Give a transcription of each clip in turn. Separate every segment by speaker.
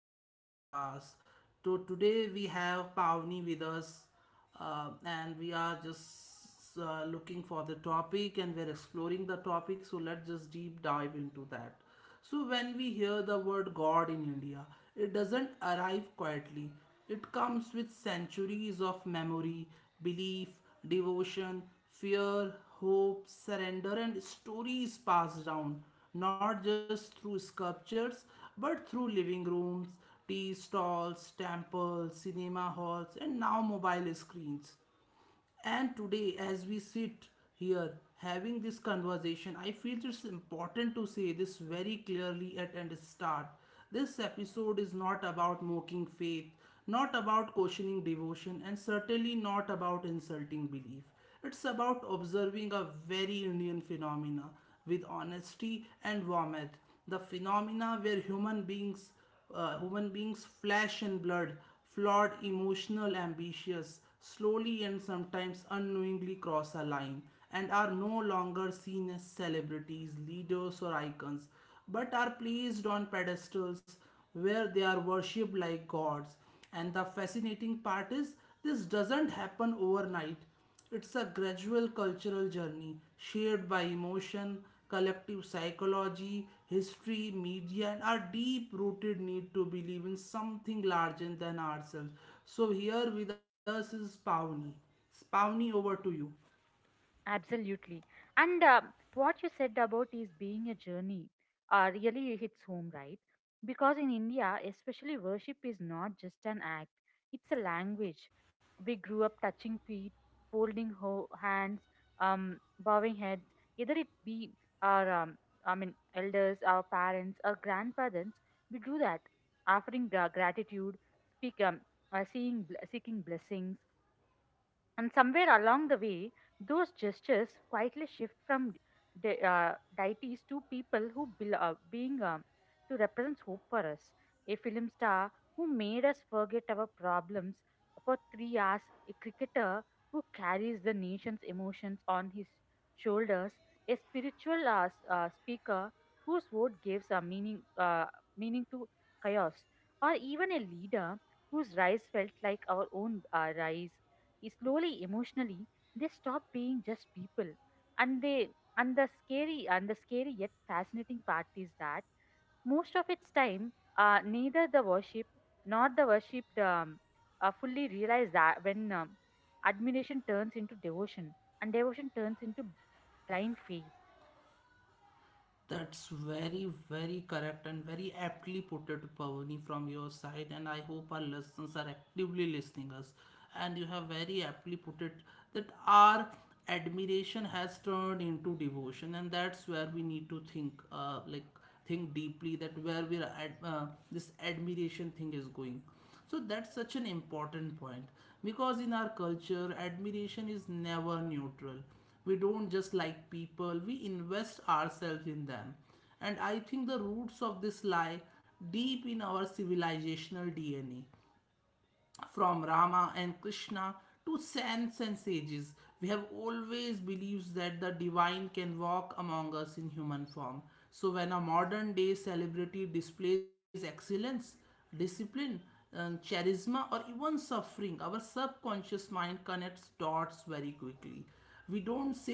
Speaker 1: to the podcast. So today we have Pavni with us, and we are just looking for the topic, and we're exploring the topic. So let's just deep dive into that. So when we hear the word God in India, it doesn't arrive quietly. It comes with centuries of memory, belief, devotion, fear, hope, surrender, and stories passed down, not just through sculptures, but through living rooms, tea stalls, temples, cinema halls, and now mobile screens. And today, as we sit here having this conversation, I feel it's important to say this very clearly at and start. This episode is not about mocking faith, not about questioning devotion, and certainly not about insulting belief. It's about observing a very Indian phenomena with honesty and warmth. The phenomena where human beings human beings, flesh and blood, flawed, emotional, ambitious, slowly and sometimes unknowingly cross a line and are no longer seen as celebrities, leaders, or icons, but are placed on pedestals where they are worshipped like gods. And the fascinating part is, this doesn't happen overnight. It's a gradual cultural journey shared by emotion, collective psychology, history, media, and our deep rooted need to believe in something larger than ourselves. So, here with us is Pawni. Spawni, over to you.
Speaker 2: Absolutely. And what you said about is being a journey really hits home, right? Because in India, especially worship is not just an act, it's a language. We grew up touching feet, folding hands, bowing heads, either it be our elders, our parents, our grandparents, we do that, offering gratitude, speak, um, seeing, seeking blessings. And somewhere along the way, those gestures quietly shift from deities to people who bel being to represents hope for us. A film star who made us forget our problems for 3 hours, a cricketer who carries the nation's emotions on his shoulders, a spiritual speaker whose word gives a meaning to chaos, or even a leader whose rise felt like our own rise slowly emotionally they stop being just people and they and the scary yet fascinating part is that most of its time neither the worship nor the worshipped fully realize that when admiration turns into devotion and devotion turns into blind faith.
Speaker 1: That's very, very correct and very aptly put it, Pavani, from your side. And I hope our listeners are actively listening us. And you have very aptly put it that our admiration has turned into devotion, and that's where we need to think, like, think deeply that where we are this admiration thing is going. So that's such an important point, because in our culture, admiration is never neutral. We don't just like people, we invest ourselves in them. And I think the roots of this lie deep in our civilizational DNA. From Rama and Krishna to saints and sages, we have always believed that the divine can walk among us in human form. So when a modern day celebrity displays excellence, discipline, charisma, or even suffering, our subconscious mind connects dots very quickly.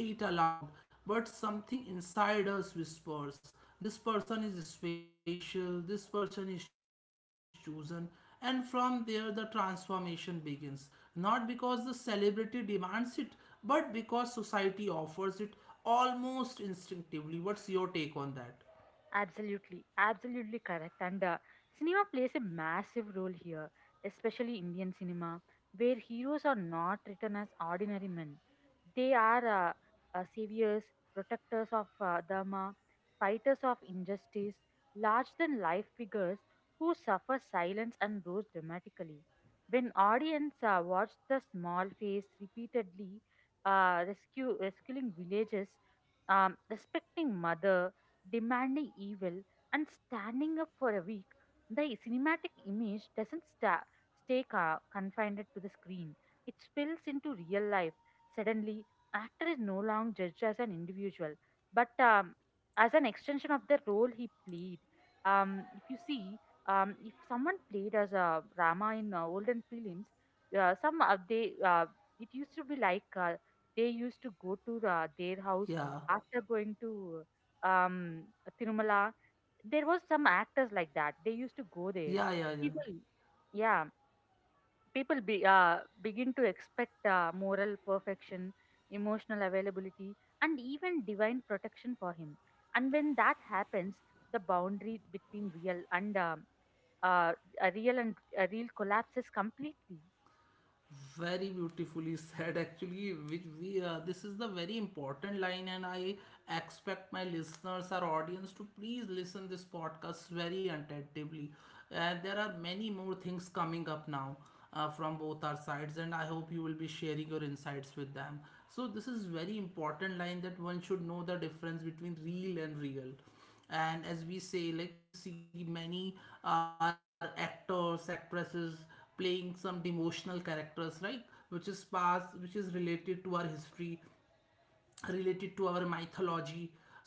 Speaker 1: We don't say it aloud, but something inside us whispers, this person is special, this person is chosen, and from there the transformation begins. Not because the celebrity demands it, but because society offers it almost instinctively. What's your take on that?
Speaker 2: Absolutely, absolutely correct. And Cinema plays a massive role here, especially Indian cinema, where heroes are not written as ordinary men. They are saviors, protectors of Dharma, fighters of injustice, large than life figures who suffer silence and rose dramatically. When audience watch the small face repeatedly rescuing villages, respecting mother demanding evil, and standing up for a week, the cinematic image doesn't stay confined to the screen. It spills into real life. Suddenly, actor is no longer judged as an individual, but as an extension of the role he played. If you see, if someone played as a Rama in olden films, some they it used to be like they used to go to their house
Speaker 1: Yeah,
Speaker 2: after going to um, Tirumala. There was some actors like that. They used to go there.
Speaker 1: yeah, yeah, yeah.
Speaker 2: People, yeah, people begin to expect moral perfection, emotional availability, and even divine protection for him. And when that happens, the boundary between uh, real and a real collapses completely.
Speaker 1: Very beautifully said actually, which we this is the very important line, and I expect my listeners, our audience, to please listen this podcast very attentively. And there are many more things coming up now, from both our sides, and I hope you will be sharing your insights with them. So this is very important line that one should know the difference between real and real. And as we say, like we see many are actors, actresses playing some devotional characters, right? Which is past, which is related to our history, related to our mythology. So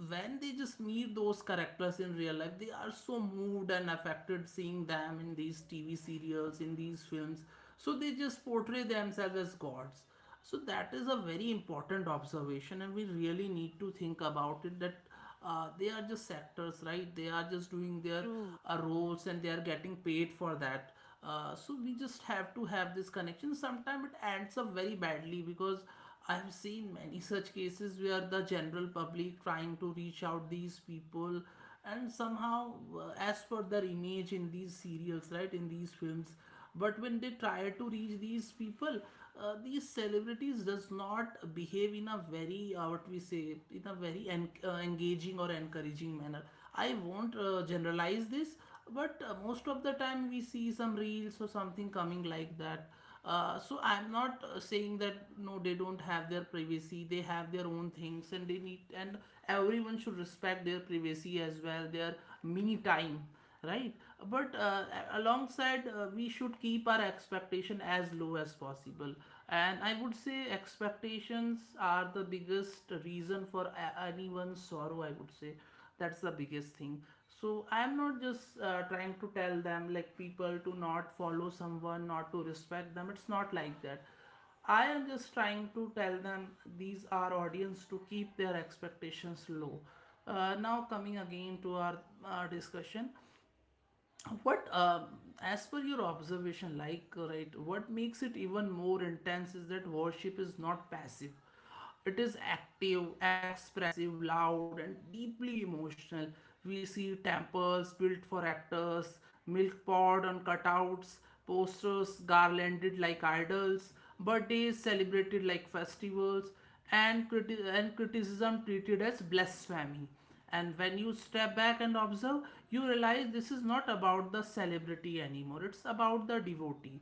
Speaker 1: when they just meet those characters in real life, they are so moved and affected seeing them in these TV serials, in these films. So they just portray themselves as gods. So that is a very important observation, and we really need to think about it that they are just actors, right? They are just doing their
Speaker 2: True.
Speaker 1: roles, and they are getting paid for that. So we just have to have this connection. Sometimes it ends up very badly, because I've seen many such cases where the general public trying to reach out these people, and somehow as per their image in these serials, right, in these films. But when they try to reach these people, these celebrities does not behave in a very what we say, in a very engaging or encouraging manner. I won't generalize this, but most of the time we see some reels or something coming like that. So I'm not saying that no, they don't have their privacy. They have their own things, and they need, and everyone should respect their privacy as well, their me time, right? But alongside, we should keep our expectation as low as possible. And I would say expectations are the biggest reason for anyone's sorrow, I would say. That's the biggest thing. So I'm not just trying to tell them, like, people to not follow someone, not to respect them. It's not like that. I am just trying to tell them, these are audience, to keep their expectations low. Now coming again to our discussion, what as per your observation, like right, what makes it even more intense is that worship is not passive. It is active, expressive, loud, and deeply emotional. We see temples built for actors, milk pot on cutouts, posters garlanded like idols, birthdays celebrated like festivals, and and criticism treated as blasphemy. And when you step back and observe, you realize this is not about the celebrity anymore. It's about the devotee.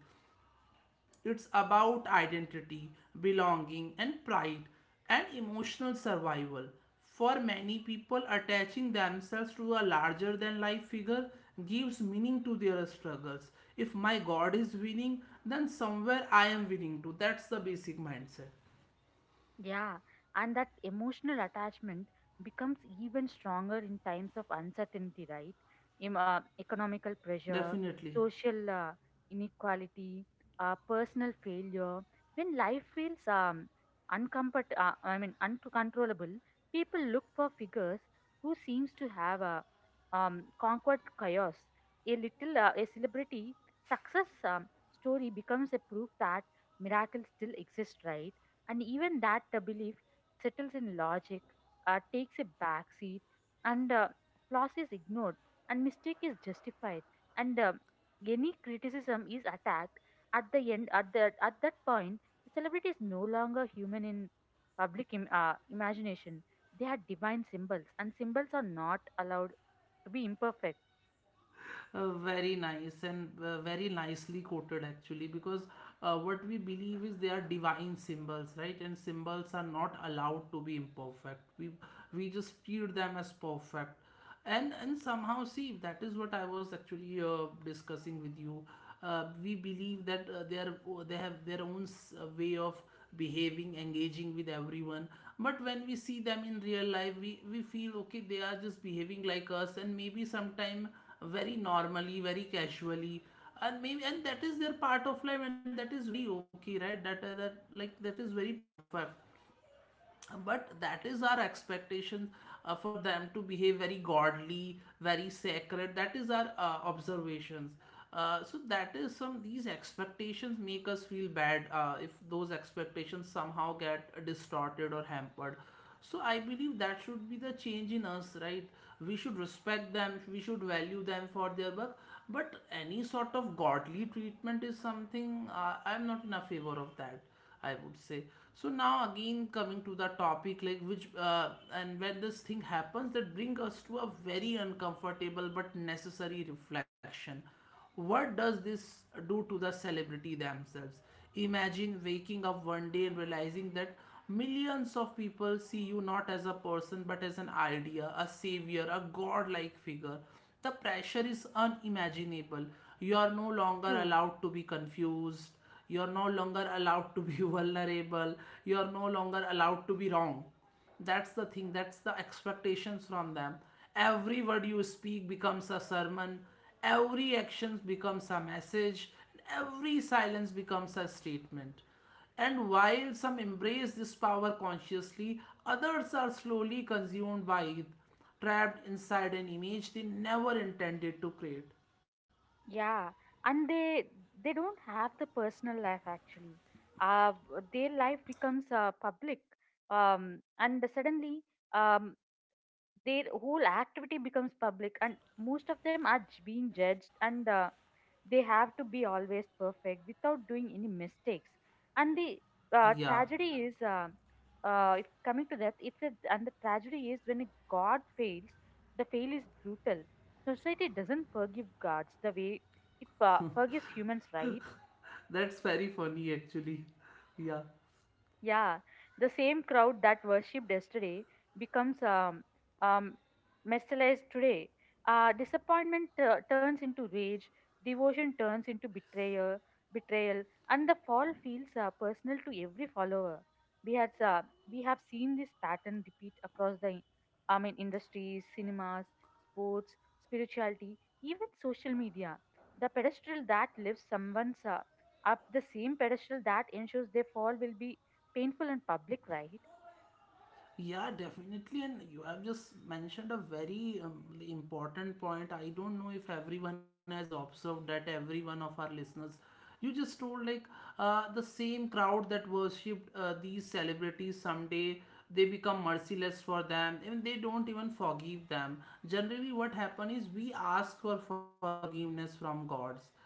Speaker 1: It's about identity, belonging, and pride, and emotional survival. For many people, attaching themselves to a larger than life figure gives meaning to their struggles. If my God is winning, then somewhere I am winning too. That's the basic mindset.
Speaker 2: Yeah, and that emotional attachment becomes even stronger in times of uncertainty, right? Economical pressure,
Speaker 1: Definitely.
Speaker 2: social inequality, personal failure. When life feels uncomfort, I mean uncontrollable, people look for figures who seems to have conquered chaos. A celebrity success story becomes a proof that miracles still exist, right? And even that belief settles in logic, takes a back seat, and flaws is ignored, and mistake is justified, and any criticism is attacked. At the end, at that point, the celebrity is no longer human in public imagination. They are divine symbols, and symbols are not allowed to be imperfect.
Speaker 1: Very nice and very nicely quoted actually, because what we believe is they are divine symbols, right? And symbols are not allowed to be imperfect. We just treat them as perfect. And somehow, see, that is what I was actually discussing with you. We believe that they are, they have their own way of behaving, engaging with everyone. But when we see them in real life, we feel okay, they are just behaving like us, and maybe sometime very normally, very casually, and maybe, and that is their part of life, and that is very okay, right? That, that, like, that is very perfect. But that is our expectation, for them to behave very godly, very sacred. That is our observations. So that is some, these expectations make us feel bad, if those expectations somehow get distorted or hampered. So I believe that should be the change in us, right? We should respect them, we should value them for their work, but any sort of godly treatment is something I'm not in a favor of that, I would say. So now again coming to the topic, like, which and when this thing happens, that bring us to a very uncomfortable but necessary reflection. What does this do to the celebrity themselves? Imagine waking up one day and realizing that millions of people see you not as a person but as an idea, a savior, a godlike figure. The pressure is unimaginable. You are no longer
Speaker 2: True.
Speaker 1: allowed to be confused, you're no longer allowed to be vulnerable, you're no longer allowed to be wrong. That's the thing, that's the expectations from them. Every word you speak becomes a sermon, every action becomes a message, every silence becomes a statement. And while some embrace this power consciously, others are slowly consumed by it, trapped inside an image they never intended to create.
Speaker 2: Yeah, and they don't have the personal life actually. Uh, their life becomes public, and suddenly um, their whole activity becomes public, and most of them are being judged, and they have to be always perfect without doing any mistakes and the
Speaker 1: Yeah,
Speaker 2: tragedy is if coming to that if it, and the tragedy is when a god fails the fail is brutal. Society doesn't forgive gods the way it forgives humans, right?
Speaker 1: that's very funny actually. Yeah.
Speaker 2: Yeah, the same crowd that worshipped yesterday becomes um, mesmerized today. Disappointment turns into rage, devotion turns into betrayal, and the fall feels personal to every follower. We have uh, we have seen this pattern repeat across the industries, cinemas, sports, spirituality, even social media. The pedestal that lifts someone's up, the same pedestal that ensures their fall will be painful and public, right?
Speaker 1: Yeah, definitely. And you have just mentioned a very important point. I don't know if everyone has observed that, every one of our listeners, you just told, like, the same crowd that worshipped these celebrities someday, they become merciless for them and they don't even forgive them. Generally, what happens is we ask for forgiveness from gods,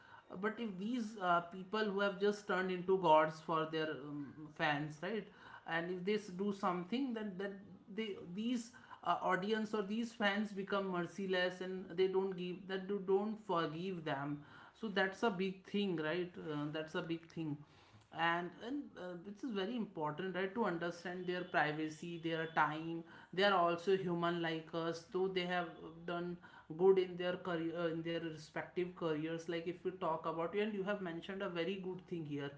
Speaker 1: but if these people who have just turned into gods for their fans, right, and if they do something, then that, they, these audience or these fans become merciless, and they don't give that, you don't forgive them. So that's a big thing, right? That's a big thing. And which is very important, right, to understand their privacy, their time. They are also human like us, though they have done good in their career, in their respective careers. Like, if we talk about, and you have mentioned a very good thing here,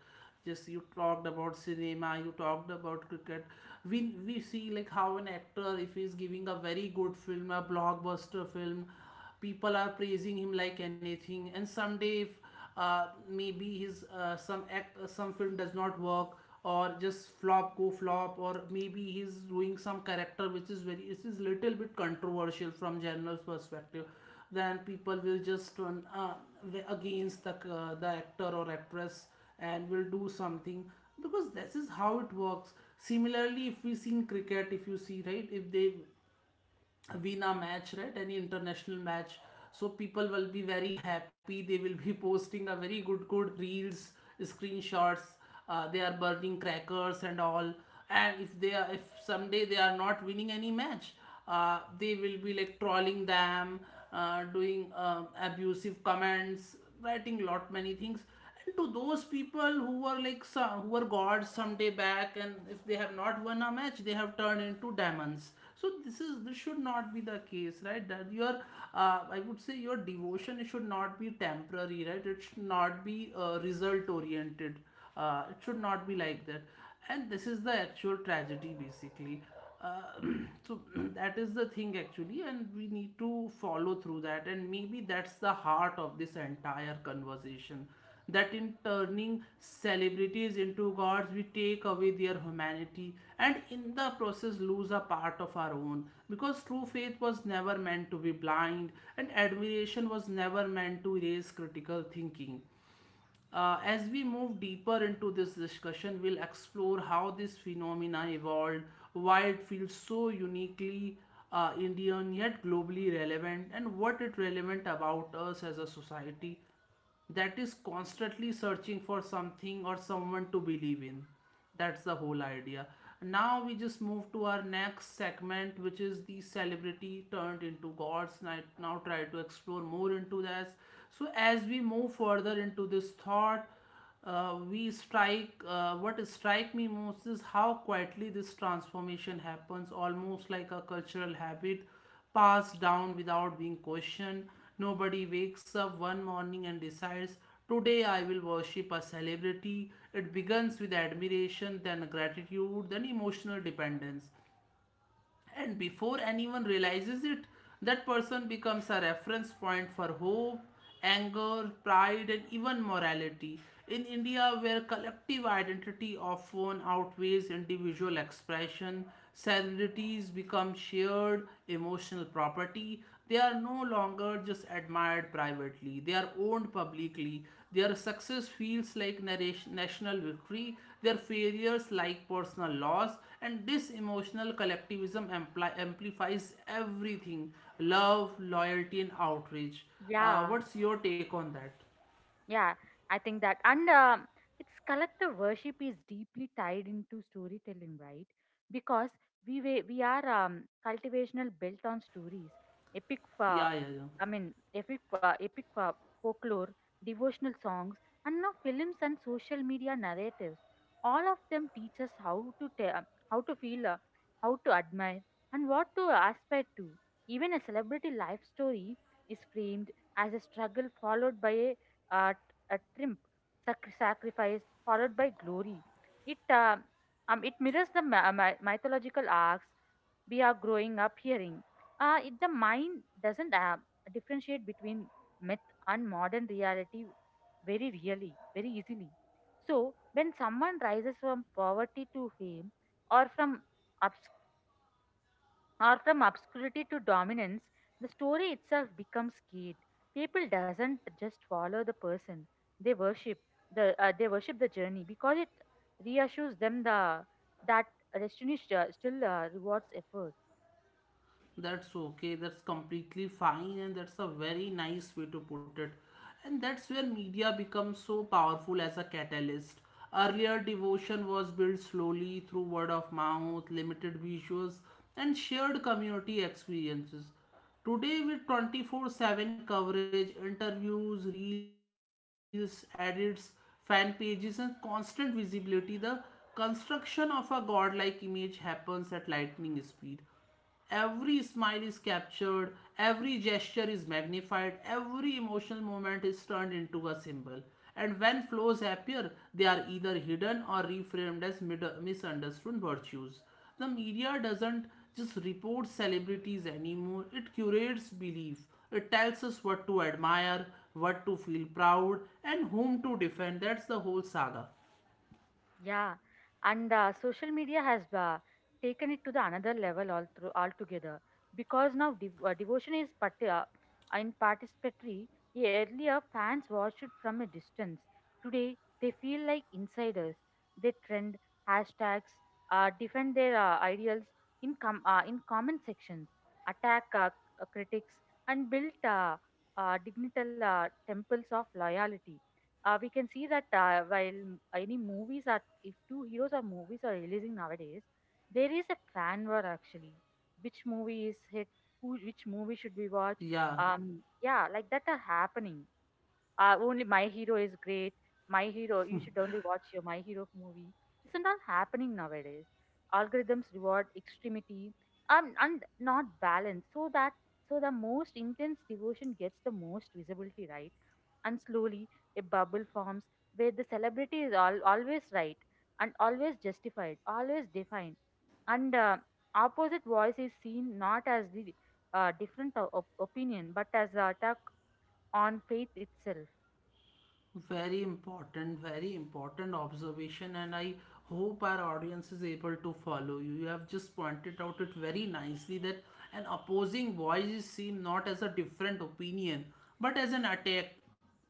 Speaker 1: just you talked about cinema, you talked about cricket. We see like how an actor, if he's giving a very good film, a blockbuster film, people are praising him like anything. And someday if maybe his some film does not work or just flop, go flop, or maybe he's doing some character which is very, it is little bit controversial from general's perspective, then people will just turn against the actor or actress, and will do something. Because this is how it works. Similarly, if we see in cricket, if you see, right, if they win a match, right? Any international match. So people will be very happy. They will be posting a very good reels, screenshots. They are burning crackers and all. And if they are, if someday they are not winning any match, they will be like trolling them, doing abusive comments, writing lot many things. And to those people who were like some, who were gods some day back, and if they have not won a match, they have turned into demons. So this is this should not be the case, right? That your I would say your devotion should not be temporary, right? It should not be result oriented. It should not be like that. And this is the actual tragedy, basically uh, so that is the thing actually, and we need to follow through that, and maybe that's the heart of this entire conversation, that in turning celebrities into gods we take away their humanity and in the process lose a part of our own, because true faith was never meant to be blind and admiration was never meant to erase critical thinking. Uh, as we move deeper into this discussion, we'll explore how this phenomena evolved, why it feels so uniquely Indian yet globally relevant, and what it relevant about us as a society that is constantly searching for something or someone to believe in. That's the whole idea. Now we just move to our next segment, which is the celebrity turned into gods. And I now try to explore more into this. So as we move further into this thought, we strike. What strike me most is how quietly this transformation happens, almost like a cultural habit passed down without being questioned. Nobody wakes up one morning and decides, today I will worship a celebrity. It begins with admiration, then gratitude, then emotional dependence. And before anyone realizes it, that person becomes a reference point for hope, anger, pride, and even morality. In India, where collective identity often outweighs individual expression, celebrities become shared emotional property. They are no longer just admired privately, they are owned publicly. Their success feels like narration, national victory, their failures like personal loss, and this emotional collectivism amplifies everything: love, loyalty, and outrage.
Speaker 2: Yeah,
Speaker 1: What's your take on that?
Speaker 2: yeah, I think that. And Its collective worship is deeply tied into storytelling, right? Because we are cultivational built on stories, epic,
Speaker 1: Yeah, yeah, yeah.
Speaker 2: I mean, epic, epic folklore, devotional songs, and now films and social media narratives. All of them teach us how to feel, how to admire, and what to aspire to. Even a celebrity life story is framed as a struggle followed by uh, a triumph, sacrifice, followed by glory. It, uh, it mirrors the mythological arcs we are growing up hearing. The mind doesn't differentiate between myth and modern reality very easily. So, when someone rises from poverty to fame or from obscurity to dominance, the story itself becomes skewed. People doesn't just follow the person; they worship they worship the journey because it reassures them the that destiny still rewards effort.
Speaker 1: That's okay, that's completely fine, and that's a very nice way to put it. And that's where media becomes so powerful as a catalyst. Earlier devotion was built slowly through word of mouth, limited visuals, and shared community experiences. Today with 24/7 coverage, interviews, reels, edits, fan pages, and constant visibility, the construction of a godlike image happens at lightning speed. Every smile is captured, every gesture is magnified, every emotional moment is turned into a symbol. And when flaws appear, they are either hidden or reframed as misunderstood virtues. The media doesn't just report celebrities anymore, it curates belief. It tells us what to admire, what to feel proud, and whom to defend. That's the whole saga.
Speaker 2: Yeah, and social media has taken it to the another level all through altogether because now devotion is in participatory. Yeah, earlier, fans watched it from a distance. Today, they feel like insiders. They trend hashtags, defend their ideals in comment sections, attack critics, and build digital temples of loyalty. We can see that any movies are, if two heroes or movies are releasing nowadays, there is a fan war actually. Which movie is hit? Who? Which movie should we watch?
Speaker 1: Yeah.
Speaker 2: Yeah, like that are happening. Only my hero is great. My hero, you should only watch your my hero movie. This is not happening nowadays. Algorithms reward extremity and not balance, so the most intense devotion gets the most visibility, right? And slowly a bubble forms where the celebrity is all always right and always justified, always defined, and opposite voice is seen not as the opinion but as the attack on faith itself.
Speaker 1: Very important observation, and I hope our audience is able to follow you. You have just pointed out it very nicely that an opposing voice is seen not as a different opinion but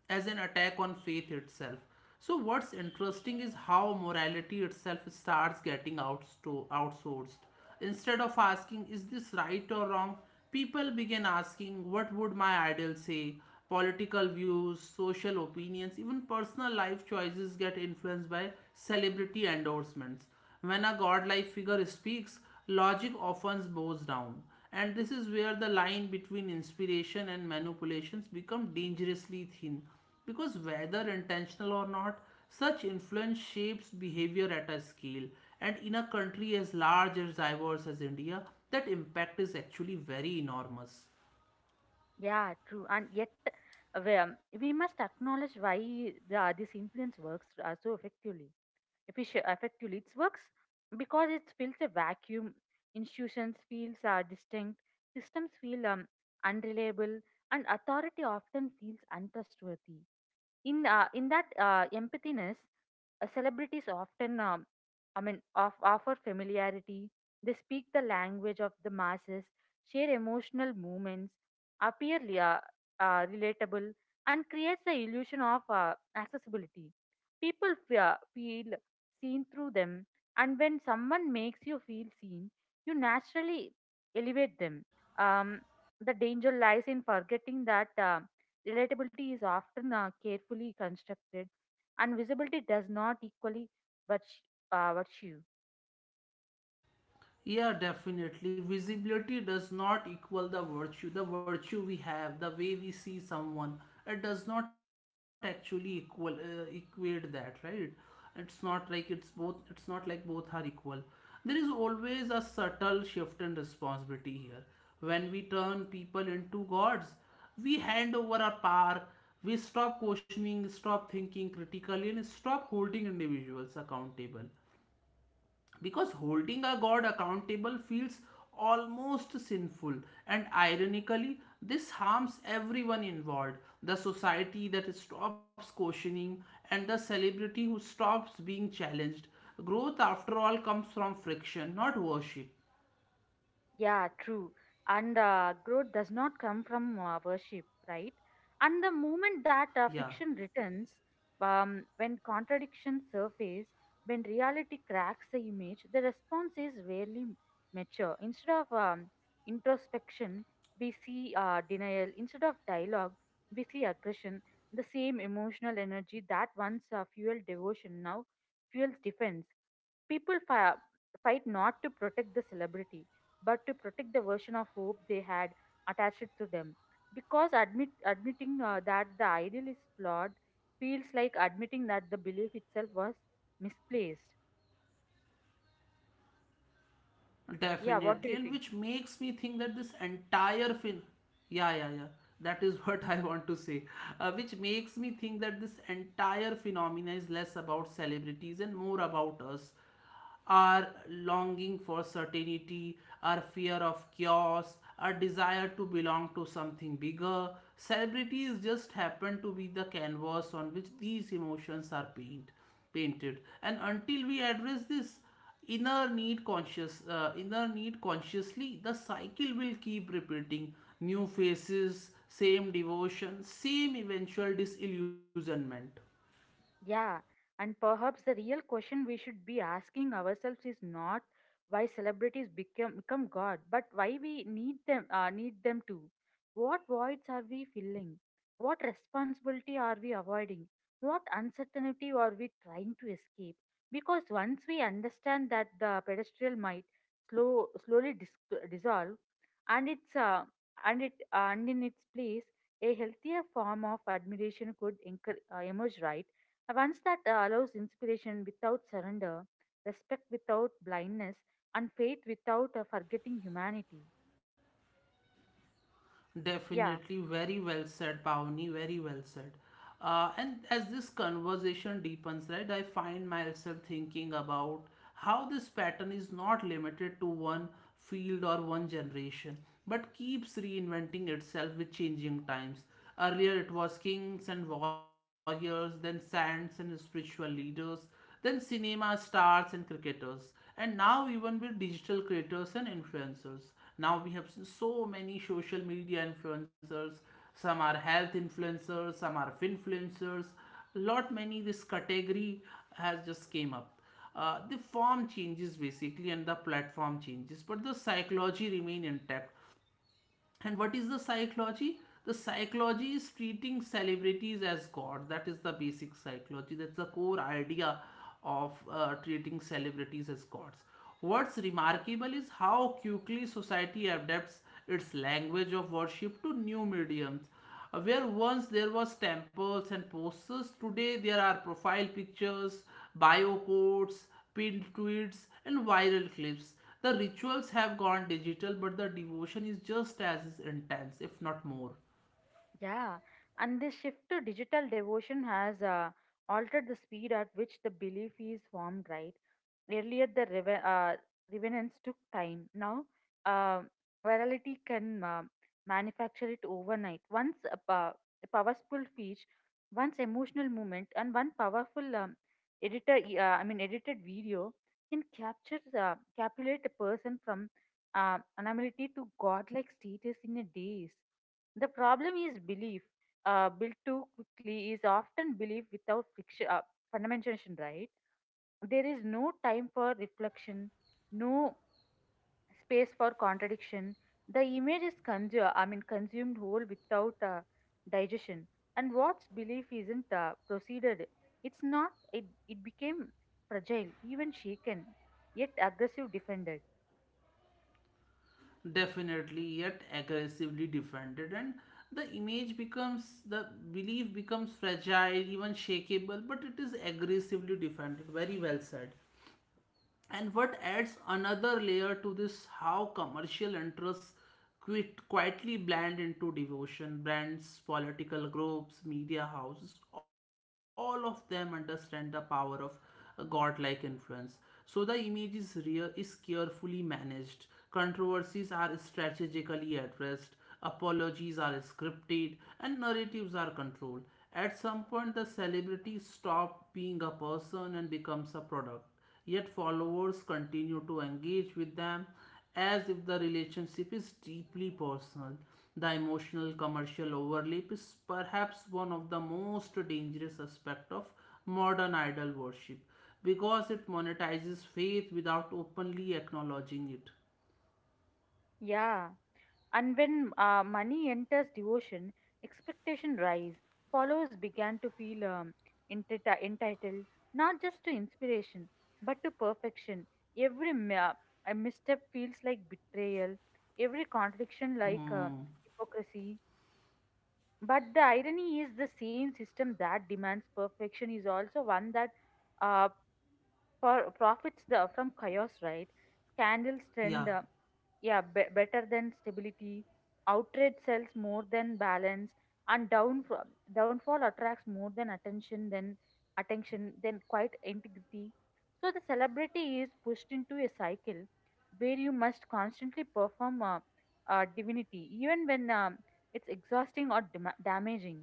Speaker 1: as an attack on faith itself. So what's interesting is how morality itself starts getting outsourced. Instead of asking is this right or wrong, people begin asking what would my idol say? Political views, social opinions, even personal life choices get influenced by celebrity endorsements. When a godlike figure speaks, logic often bows down. And this is where the line between inspiration and manipulations become dangerously thin. Because whether intentional or not, such influence shapes behavior at a scale. And in a country as large as diverse as India, that impact is actually very enormous.
Speaker 2: Yeah, true, and yet we must acknowledge why this influence works so effectively. It works because it fills a vacuum. Institutions feels are distinct. Systems feel unreliable, and authority often feels untrustworthy in that empathiness. Celebrities often offer familiarity, they speak the language of the masses, share emotional moments, appear relatable, and creates the illusion of accessibility. People feel seen through them, and when someone makes you feel seen you naturally elevate them. um, the danger lies in forgetting that relatability is often carefully constructed, and visibility does not equally but virtue.
Speaker 1: Yeah, definitely. Visibility does not equal the virtue. The virtue we have, the way we see someone, it does not actually equal equate that, right? It's not like it's both. It's not like both are equal. There is always a subtle shift in responsibility here. When we turn people into gods, we hand over our power. We stop questioning, stop thinking critically, and stop holding individuals accountable, because holding a god accountable feels almost sinful. And ironically, this harms everyone involved, the society that stops questioning and the celebrity who stops being challenged. Growth, after all, comes from friction, not worship.
Speaker 2: Yeah, true. And growth does not come from worship, right? And the moment that fiction
Speaker 1: Yeah.
Speaker 2: returns, when contradictions surface, when reality cracks the image, the response is rarely mature. Instead of introspection, we see denial. Instead of dialogue, we see aggression. The same emotional energy that once fueled devotion now fuels defense. People fight not to protect the celebrity but to protect the version of hope they had attached to them. Because admitting that the ideal is flawed feels like admitting that the belief itself was misplaced. Yeah, what do
Speaker 1: Definitely,
Speaker 2: you
Speaker 1: and
Speaker 2: think?
Speaker 1: which makes me think that this entire film, yeah, yeah, yeah, that is what I want to say, which makes me think that this entire phenomena is less about celebrities and more about us, our longing for certainty, our fear of chaos, our desire to belong to something bigger. Celebrities just happen to be the canvas on which these emotions are painted, and until we address this inner need consciously, the cycle will keep repeating, new faces, same devotion, same eventual disillusionment.
Speaker 2: Yeah, and perhaps the real question we should be asking ourselves is not why celebrities become God, but why we need them to. What voids are we filling? What responsibility are we avoiding? What uncertainty are we trying to escape? Because once we understand that the pedestal might slowly dissolve, and its uh, and in its place a healthier form of admiration could emerge, right? A once that allows inspiration without surrender, respect without blindness, and faith without forgetting humanity. Yeah,
Speaker 1: Definitely, very well said, Pawni. Very well said. And as this conversation deepens, right, I find myself thinking about how this pattern is not limited to one field or one generation, but keeps reinventing itself with changing times. Earlier, it was kings and warriors, then saints and spiritual leaders, then cinema stars and cricketers, and now even with digital creators and influencers. Now we have seen so many social media influencers, some are health influencers, some are influencers, lot many this category has just came up. Uh, the form changes basically, and the platform changes, but the psychology remain intact. And what is the psychology? The psychology is treating celebrities as gods. That is the basic psychology. That's the core idea of treating celebrities as gods. What's remarkable is how quickly society adapts its language of worship to new mediums. Where once there was temples and posters, today there are profile pictures, bio quotes, pinned tweets, and viral clips. The rituals have gone digital, but the devotion is just as intense, if not more.
Speaker 2: yeah. And this shift to digital devotion has altered the speed at which the belief is formed, right? Earlier, the revenants took time. Now, uh, virality can manufacture it overnight. A powerful speech, once emotional moment, and one powerful editor, e, I mean, edited video can captivate a person from anonymity to godlike status in a days. The problem is belief built too quickly is often belief without friction, fundamentation, right? There is no time for reflection, no space for contradiction. The image is consumed whole without digestion. And what's belief isn't proceeded. It's not. It became fragile, even shaken, yet aggressive defended.
Speaker 1: Definitely yet aggressively defended, and the image becomes the belief becomes fragile, even shakeable, but it is aggressively defended. Very well said. And what adds another layer to this, how commercial interests quietly blend into devotion. Brands, political groups, media houses, all of them understand the power of a godlike influence. So the image is real is carefully managed. Controversies are strategically addressed, apologies are scripted, and narratives are controlled. At some point the celebrity stops being a person and becomes a product. Yet followers continue to engage with them as if the relationship is deeply personal. The emotional commercial overlap is perhaps one of the most dangerous aspects of modern idol worship, because it monetizes faith without openly acknowledging it.
Speaker 2: Yeah. And when money enters devotion, expectation rise. Followers began to feel entitled not just to inspiration but to perfection. Every ma- a misstep feels like betrayal. Every contradiction like
Speaker 1: Hmm.
Speaker 2: hypocrisy. But the irony is the same system that demands perfection is also one that uh, profits from chaos, right? Scandals trend.
Speaker 1: Yeah.
Speaker 2: Yeah, better than stability, outrage sells more than balance, and downfall attracts more than attention than quite integrity. So the celebrity is pushed into a cycle where you must constantly perform divinity, even when it's exhausting or damaging.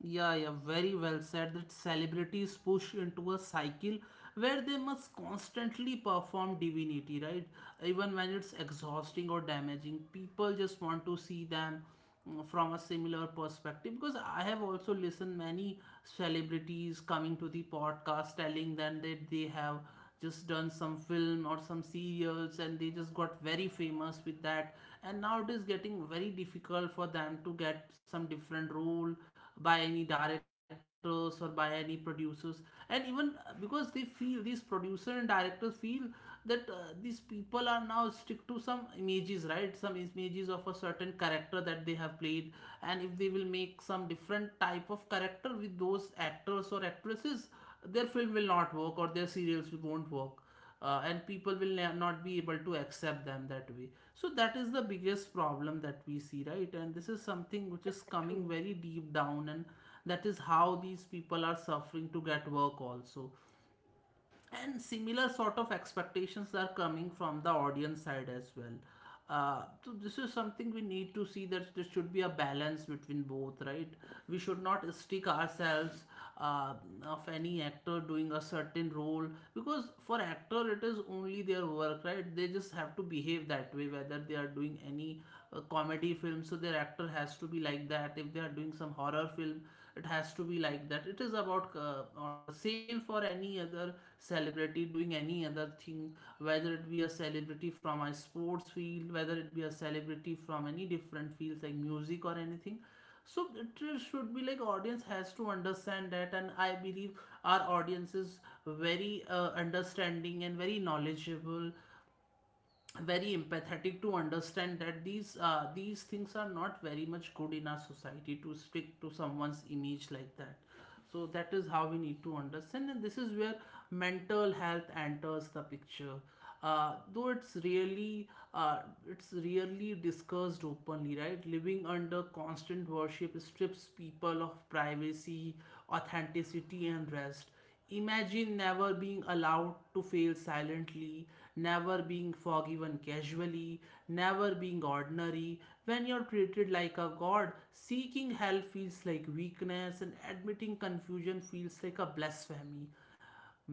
Speaker 1: Yeah, yeah, very well said. That celebrities push into a cycle where they must constantly perform divinity, right? Even when it's exhausting or damaging, people just want to see them, mm, from a similar perspective. Because I have also listened many celebrities coming to the podcast telling them that they have just done some film or some serials, and they just got very famous with that, and now it is getting very difficult for them to get some different role by any directors or by any producers. And even because they feel these producers and directors feel that these people are now stick to some images, right, some images of a certain character that they have played, and if they will make some different type of character with those actors or actresses, their film will not work or their serials won't work. And people will not be able to accept them that way. So that is the biggest problem that we see, right, and this is something which
Speaker 2: Yeah,
Speaker 1: is coming
Speaker 2: true.
Speaker 1: very deep down, and that is how these people are suffering to get work also, and similar sort of expectations are coming from the audience side as well. So this is something we need to see, that there should be a balance between both, right? We should not stick ourselves uh, of any actor doing a certain role, because for actor it is only their work, right? They just have to behave that way, whether they are doing any comedy film, so their actor has to be like that. If they are doing some horror film, it has to be like that. It is about order. Same for any other celebrity doing any other thing, whether it be a celebrity from a sports field, whether it be a celebrity from any different fields like music or anything. So it should be like audience has to understand that, and I believe our audience is very understanding and very knowledgeable, very empathetic to understand that these things are not very much good in our society to stick to someone's image like that. So that is how we need to understand, and This is where mental health enters the picture. Though uh, it's really discussed openly, right? Living under constant worship strips people of privacy, authenticity, and rest. Imagine never being allowed to fail silently, never being forgiven casually, never being ordinary. When you're treated like a god, seeking help feels like weakness and admitting confusion feels like a blasphemy.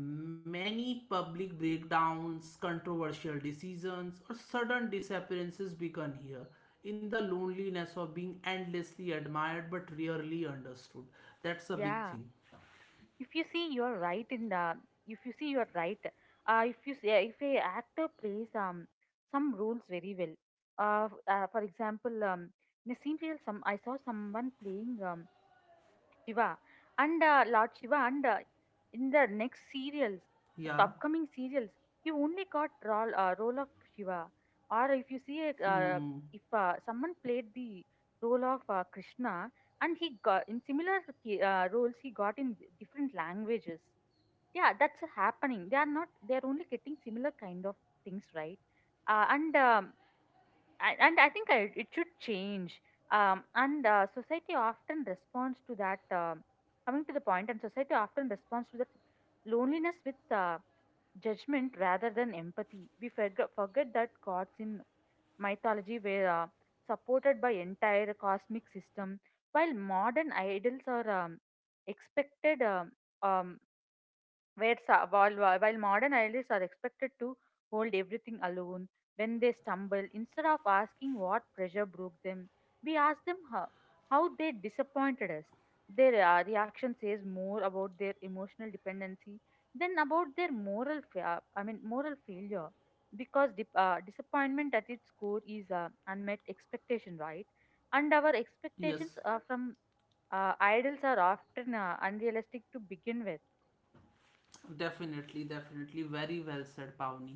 Speaker 1: Many public breakdowns, controversial decisions, or sudden disappearances begun here, in the loneliness of being endlessly admired but rarely understood. That's a big
Speaker 2: yeah
Speaker 1: thing.
Speaker 2: if you see you're right in the if you see you're right. If you see, if a actor plays some roles very well. For example, in a scene reel some I saw someone playing Shiva, and Lord Shiva, and in the next serials, like
Speaker 1: Yeah.
Speaker 2: upcoming serials, you only got role, role of Shiva. Or if you see,
Speaker 1: Hmm.
Speaker 2: if someone played the role of Krishna, and he got in similar roles, he got in different languages. Yeah, that's happening. They are not. They are only getting similar kind of things, right? Uh, and um, and I think it should change. And Society often responds to that. Coming to the point, and society often responds to that loneliness with uh, judgment rather than empathy. We forget that gods in mythology were supported by entire cosmic system, while modern idols are expected. Um, where sa- while modern idealists are expected to hold everything alone. When they stumble, instead of asking what pressure broke them, we ask them how they disappointed us. Their reaction says more about their emotional dependency than about their moral fa- I mean moral failure, because disappointment at its core is unmet expectation, right? And our expectations
Speaker 1: Yes,
Speaker 2: from idols are often unrealistic to begin with.
Speaker 1: definitely, definitely. Very well said, Pavni.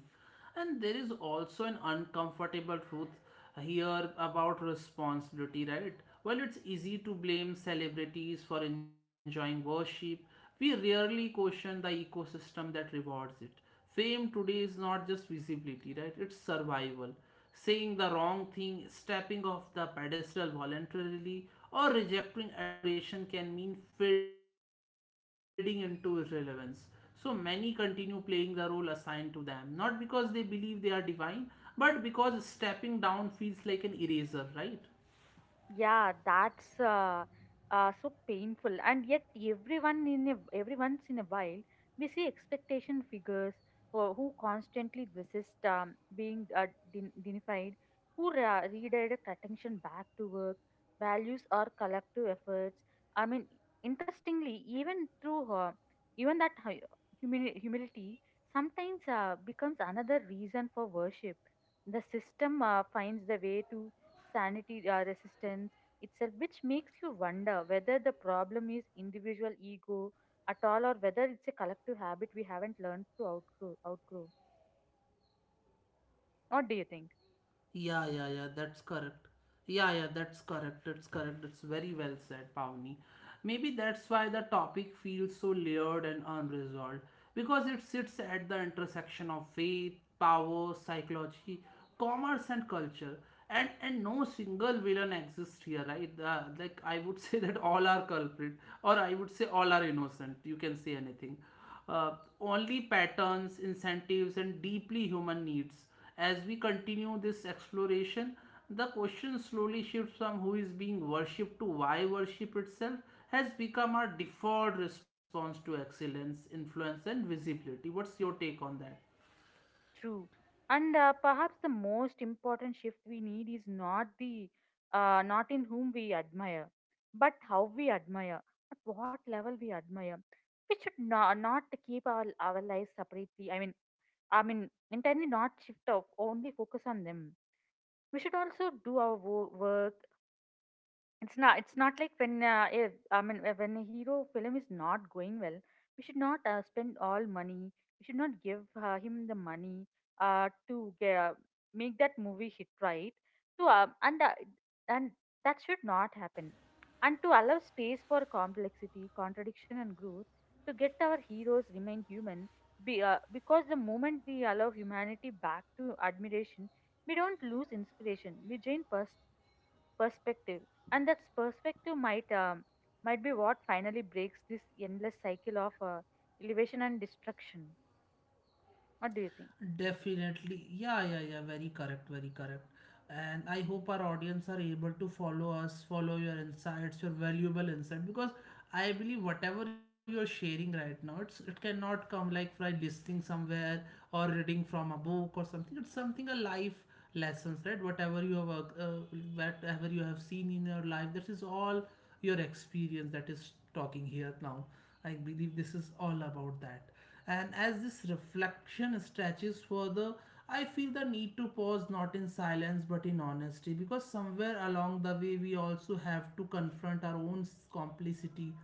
Speaker 1: And there is also an uncomfortable truth here about responsibility, right? While it's easy to blame celebrities for enjoying worship, we rarely question the ecosystem that rewards it. Fame today is not just visibility, right? It's survival. Saying the wrong thing, stepping off the pedestal voluntarily, or rejecting adoration can mean fading into irrelevance. So many continue playing the role assigned to them, not because they believe they are divine, but because stepping down feels like an eraser, right?
Speaker 2: Yeah, that's so painful. And yet, every once in a while, we see expectation figures who constantly resist being denied, who redirect attention back to work, values, or collective efforts. I mean, interestingly, even through even that humility sometimes becomes another reason for worship. The system finds the way to sanity resistance itself, which makes you wonder whether the problem is individual ego at all, or whether it's a collective habit we haven't learned to outgrow. What do you think?
Speaker 1: Yeah, yeah, yeah, that's correct. Yeah, yeah, that's correct. That's correct. That's very well said, Pavni. Maybe that's why the topic feels so layered and unresolved, because it sits at the intersection of faith, power, psychology, commerce, and culture. And no single villain exists here, right? Like I would say that all are culprit, or I would say all are innocent. You can say anything, uh, only patterns, incentives, and deeply human needs. As we continue this exploration, the question slowly shifts from who is being worshipped to why worship itself has become our default response to excellence, influence, and visibility. What's your take on that?
Speaker 2: True. And perhaps the most important shift we need is not in whom we admire, but how we admire, at what level we admire. We should not keep our lives separately. I mean, entirely not shift of only focus on them. We should also do our work. It's not. It's not like when if I mean when a hero film is not going well, we should not spend all money. We should not give him the money to make that movie hit, right. To and that should not happen. And to allow space for complexity, contradiction, and growth, to get our heroes remain human. Because the moment we allow humanity back to admiration, we don't lose inspiration. We gain personal perspective, and that perspective might be what finally breaks this endless cycle of elevation and destruction. What do you think?
Speaker 1: Definitely. Yeah, yeah, yeah. Very correct. Very correct. And I hope our audience are able to follow us, follow your insights, your valuable insight, because I believe whatever you're sharing right now, it cannot come like by listening somewhere or reading from a book or something. It's something a life lessons, right? Whatever you have seen in your life, that is all your experience that is talking here now. I believe this is all about that. And as this reflection stretches further, I feel the need to pause not in silence but in honesty, because somewhere along the way we also have to confront our own complicity.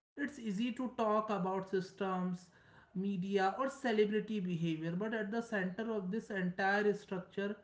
Speaker 1: It's easy to talk about systems, media, or celebrity behavior, but at the center of this entire structure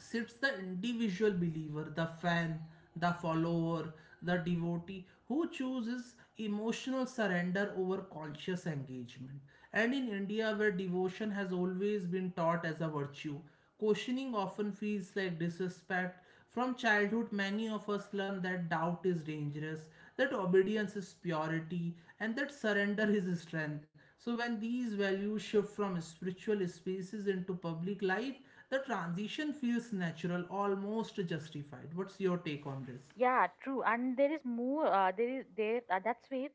Speaker 1: sits the individual believer, the fan, the follower, the devotee who chooses emotional surrender over conscious engagement. And in India, where devotion has always been taught as a virtue, questioning often feels like disrespect. From childhood, many of us learn that doubt is dangerous, that obedience is purity, and that surrender is strength. So, when these values shift from spiritual spaces into public life, the transition feels natural, almost justified. What's your take on this?
Speaker 2: Yeah, true. And there is more there is there that's where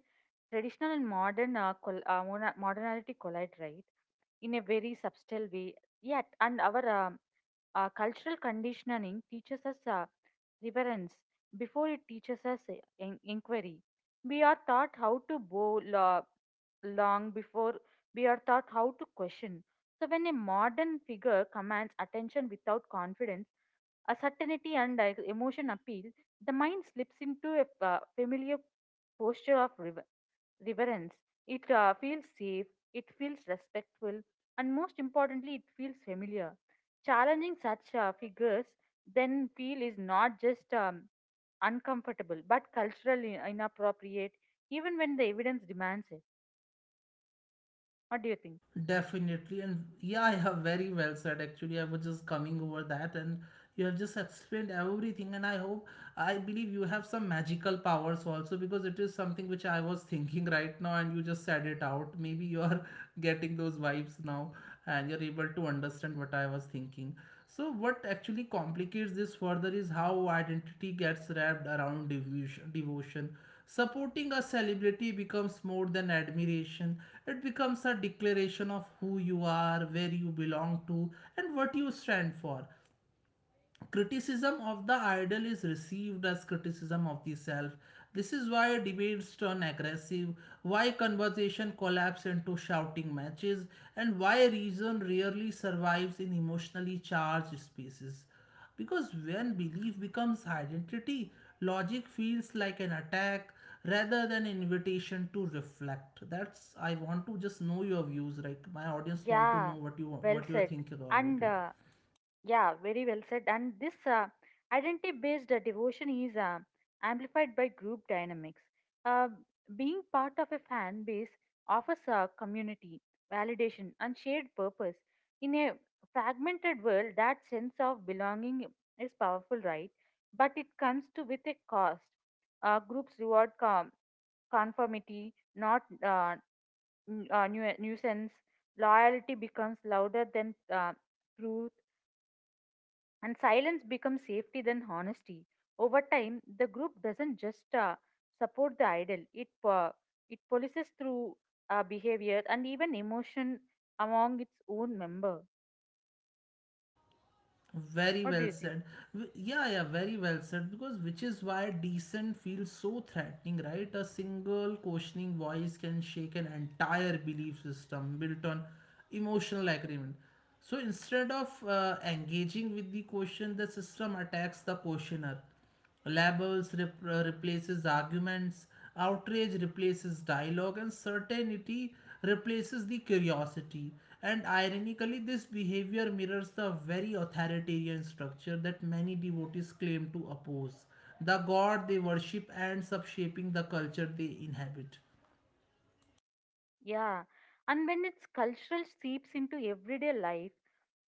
Speaker 2: traditional and modernity collide, right, in a very subtle way. Yet and our Cultural conditioning teaches us reverence before it teaches us inquiry. We are taught how to bow long before we are taught how to question. So, when a modern figure commands attention without confidence, a certainty and emotion appeal, the mind slips into a familiar posture of reverence. It feels safe, it feels respectful, and most importantly, it feels familiar. Challenging such figures then feel is not just uncomfortable, but culturally inappropriate, even when the evidence demands it. What do you think?
Speaker 1: Definitely. And yeah, you have very well said. Actually, I was just coming over that, and you have just explained everything. And I hope, I believe you have some magical powers also, because it is something which I was thinking right now, and you just said it out. Maybe you are getting those vibes now, and you're able to understand what I was thinking. So what actually complicates this further is how identity gets wrapped around devotion. Supporting a celebrity becomes more than admiration. It becomes a declaration of who you are, where you belong to, and what you stand for. Criticism of the idol is received as criticism of the self. This is why debates turn aggressive, why conversation collapses into shouting matches, and why reason rarely survives in emotionally charged spaces. Because when belief becomes identity, logic feels like an attack rather than invitation to reflect. That's I want to just know your views. Like my audience want to
Speaker 2: Yeah,
Speaker 1: know
Speaker 2: well
Speaker 1: what you are
Speaker 2: said.
Speaker 1: thinking about
Speaker 2: And
Speaker 1: it.
Speaker 2: yeah, very well said. And this identity based devotion is amplified by group dynamics. Uh, Being part of a fan base offers a community, validation, and shared purpose. In a fragmented world, that sense of belonging is powerful, right? But it comes to with a cost. Groups reward conformity, not nuisance. Loyalty becomes louder than truth, and silence becomes safety than honesty. Over time, the group doesn't just support the idol; it polices through behavior and even emotion among its own member.
Speaker 1: Very
Speaker 2: What do
Speaker 1: well
Speaker 2: you think?
Speaker 1: said. Yeah, yeah, very well said. Because which is why decent feels so threatening, right? A single questioning voice can shake an entire belief system built on emotional agreement. So instead of engaging with the question, the system attacks the questioner. Labels replaces arguments, outrage replaces dialogue, and certainty replaces the curiosity. And ironically, this behavior mirrors the very authoritarian structure that many devotees claim to oppose. The god they worship ends up shaping the culture they inhabit.
Speaker 2: Yeah, and when its cultural seeps into everyday life,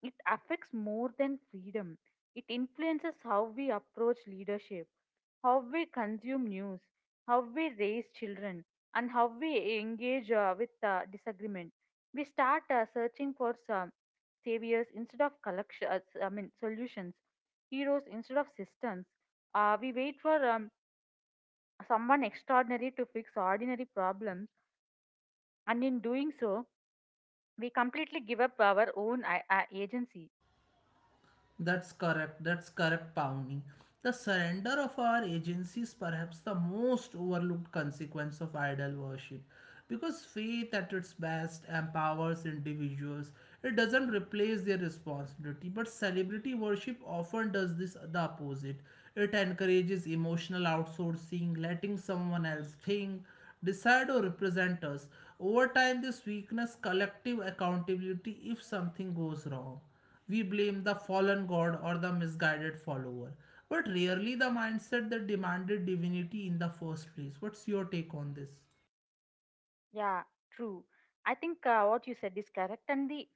Speaker 2: it affects more than freedom. It influences how we approach leadership, how we consume news, how we raise children, and how we engage with disagreement. We start searching for some saviors instead of collection, I mean solutions, heroes instead of systems. We wait for someone extraordinary to fix ordinary problems, and in doing so, we completely give up our own agency.
Speaker 1: That's correct. That's correct, Pawnee. The surrender of our agency is perhaps the most overlooked consequence of idol worship, because faith at its best empowers individuals. It doesn't replace their responsibility, but celebrity worship often does this the opposite. It encourages emotional outsourcing, letting someone else think, decide, or represent us. Over time, this weakness collective accountability if something goes wrong. We blame the fallen god or the misguided follower, but rarely the mindset that demanded divinity in the first place. What's your take on this?
Speaker 2: Yeah, true. I think what you said is correct. And the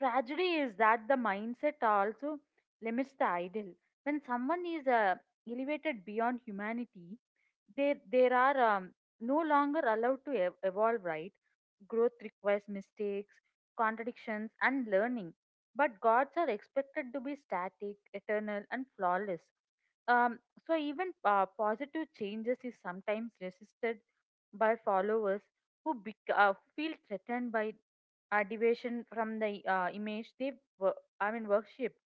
Speaker 2: tragedy is that the mindset also limits the ideal. When someone is elevated beyond humanity, they there are no longer allowed to evolve. Right. Growth requires mistakes, contradictions, and learning. But gods are expected to be static, eternal, and flawless. Um, so even positive changes is sometimes resisted by followers who feel threatened by deviation from the image they wo- worshipped.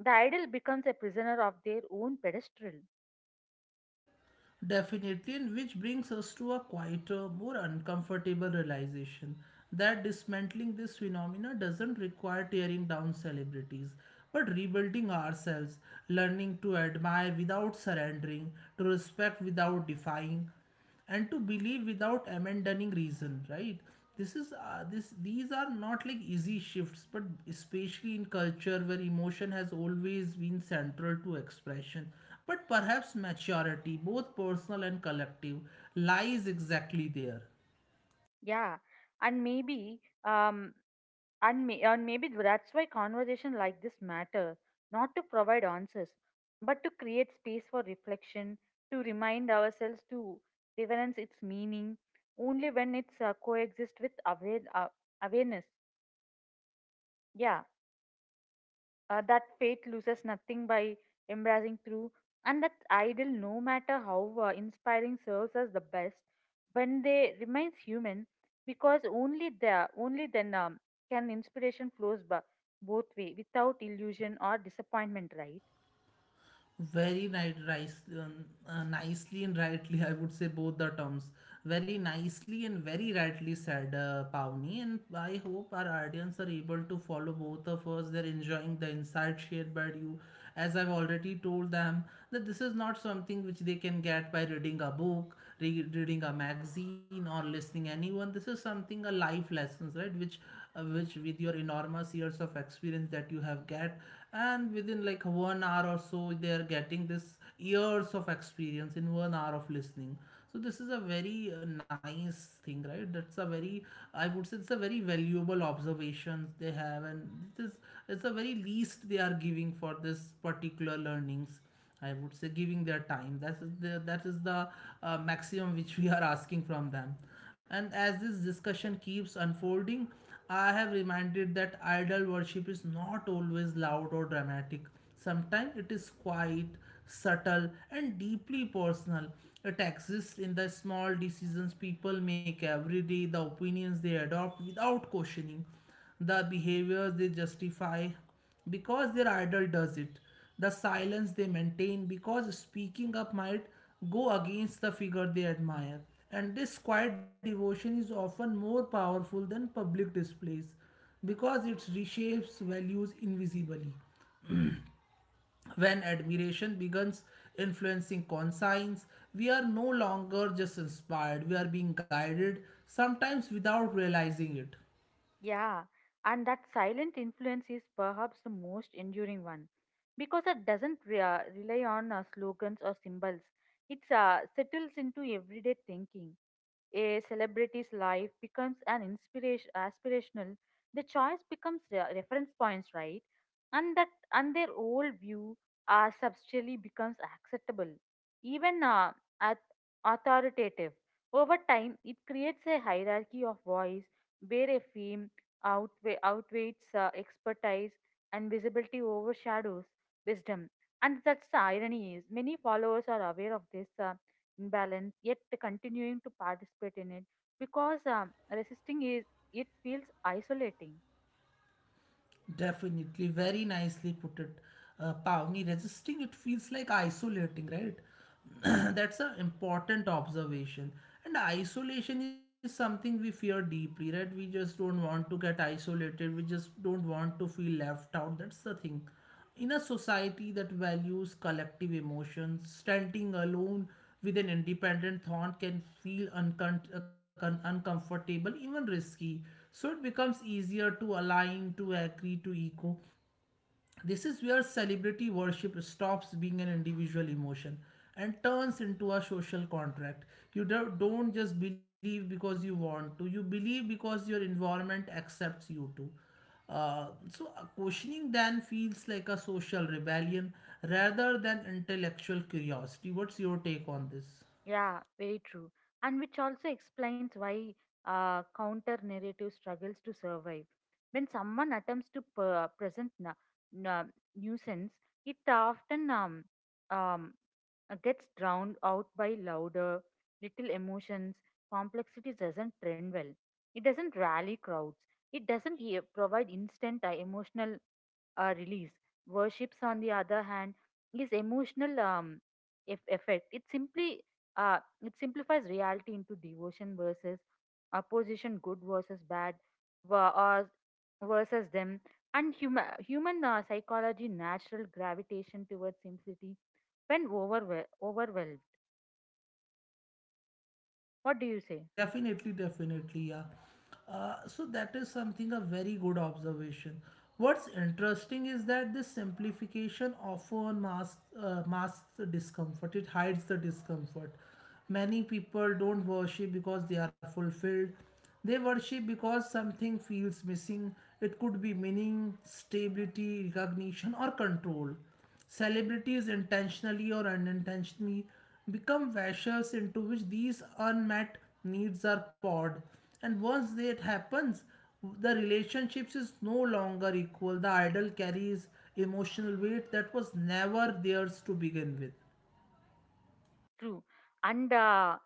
Speaker 2: The idol becomes a prisoner of their own pedestal.
Speaker 1: Definitely, and which brings us to a quieter, more uncomfortable realization that dismantling this phenomena doesn't require tearing down celebrities, but rebuilding ourselves, learning to admire without surrendering, to respect without defying, and to believe without abandoning reason, right? this is this these are not like easy shifts, but especially in culture where emotion has always been central to expression. But perhaps maturity, both personal and collective, lies exactly there.
Speaker 2: Yeah, and um maybe that's why conversation like this matter, not to provide answers, but to create space for reflection, to remind ourselves to reverence its meaning only when it's coexist with awareness. Yeah, that faith loses nothing by embracing through, and that idol, no matter how inspiring, serves us the best when they remains human. Because only then can inspiration flows both way without illusion or disappointment, right?
Speaker 1: Very nice, rice, nicely and rightly, I would say both the terms. Very nicely and very rightly said, Pavni. And I hope our audience are able to follow both of us. They're enjoying the insight shared by you. As I've already told them, that this is not something which they can get by reading a book, reading a magazine, or listening anyone. This is something a life lessons, right? Which with your enormous years of experience that you have get, and within like one hour or so they are getting this years of experience in one hour of listening. So this is a very nice thing, right? That's a very, I would say it's a very valuable observations they have. And this, it's a very least they are giving for this particular learnings. I would say giving their time. That is the maximum which we are asking from them. And as this discussion keeps unfolding, I have reminded that idol worship is not always loud or dramatic. Sometimes it is quiet, subtle, and deeply personal. It exists in the small decisions people make every day, the opinions they adopt without questioning, the behaviors they justify, because their idol does it, the silence they maintain, because speaking up might go against the figure they admire. And this quiet devotion is often more powerful than public displays, because it reshapes values invisibly. When admiration begins influencing conscience, we are no longer just inspired, we are being guided, sometimes without realizing it.
Speaker 2: Yeah, and that silent influence is perhaps the most enduring one because it doesn't rely on slogans or symbols. It settles into everyday thinking. A celebrity's life becomes an inspiration aspirational. The choice becomes reference points, right? And that and their old view are substantially becomes acceptable, even at authoritative. Over time, it creates a hierarchy of voice where a fame outweighs expertise, and visibility overshadows wisdom. And that's the irony is many followers are aware of this imbalance, yet continuing to participate in it because resisting is it feels isolating.
Speaker 1: Definitely, very nicely put it, Pavni. Resisting it feels like isolating, right? That's an important observation. And isolation is something we fear deeply, right? We just don't want to get isolated. We just don't want to feel left out. That's the thing. In a society that values collective emotions, standing alone with an independent thought can feel uncomfortable, even risky. So it becomes easier to align, to agree, to echo. This is where celebrity worship stops being an individual emotion and turns into a social contract. Don't just believe because you want to, you believe because your environment accepts you to. So, questioning then feels like a social rebellion rather than intellectual curiosity. What's your take on this?
Speaker 2: Yeah, very true. And which also explains why counter narrative struggles to survive. When someone attempts to present na- nuisance, it often um, gets drowned out by louder, little emotions. Complexity doesn't trend well. It doesn't rally crowds. It doesn't provide instant emotional release. Worships, on the other hand, is emotional effect. It simplifies reality into devotion versus opposition, good versus bad, ver- or versus them, and human psychology, natural gravitation towards simplicity when overwhelmed. What do you say?
Speaker 1: Definitely, definitely, yeah. So that is something a very good observation. What's interesting is that this simplification often masks the discomfort. It hides the discomfort. Many people don't worship because they are fulfilled. They worship because something feels missing. It could be meaning, stability, recognition, or control. Celebrities, intentionally or unintentionally, become vessels into which these unmet needs are poured. And once that happens, the relationships is no longer equal. The idol carries emotional weight that was never theirs to begin with.
Speaker 2: True. and uh,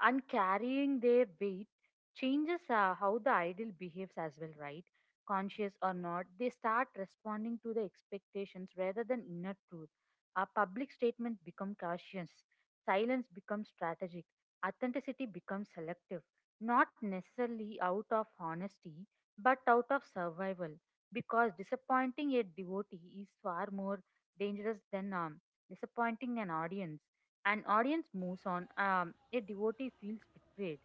Speaker 2: and carrying their weight changes how the idol behaves as well, right? Conscious or not, they start responding to the expectations rather than inner truth. A public statement becomes cautious, silence becomes strategic, authenticity becomes selective, not necessarily out of honesty, but out of survival. Because disappointing a devotee is far more dangerous than disappointing an audience. An audience moves on. A devotee feels betrayed.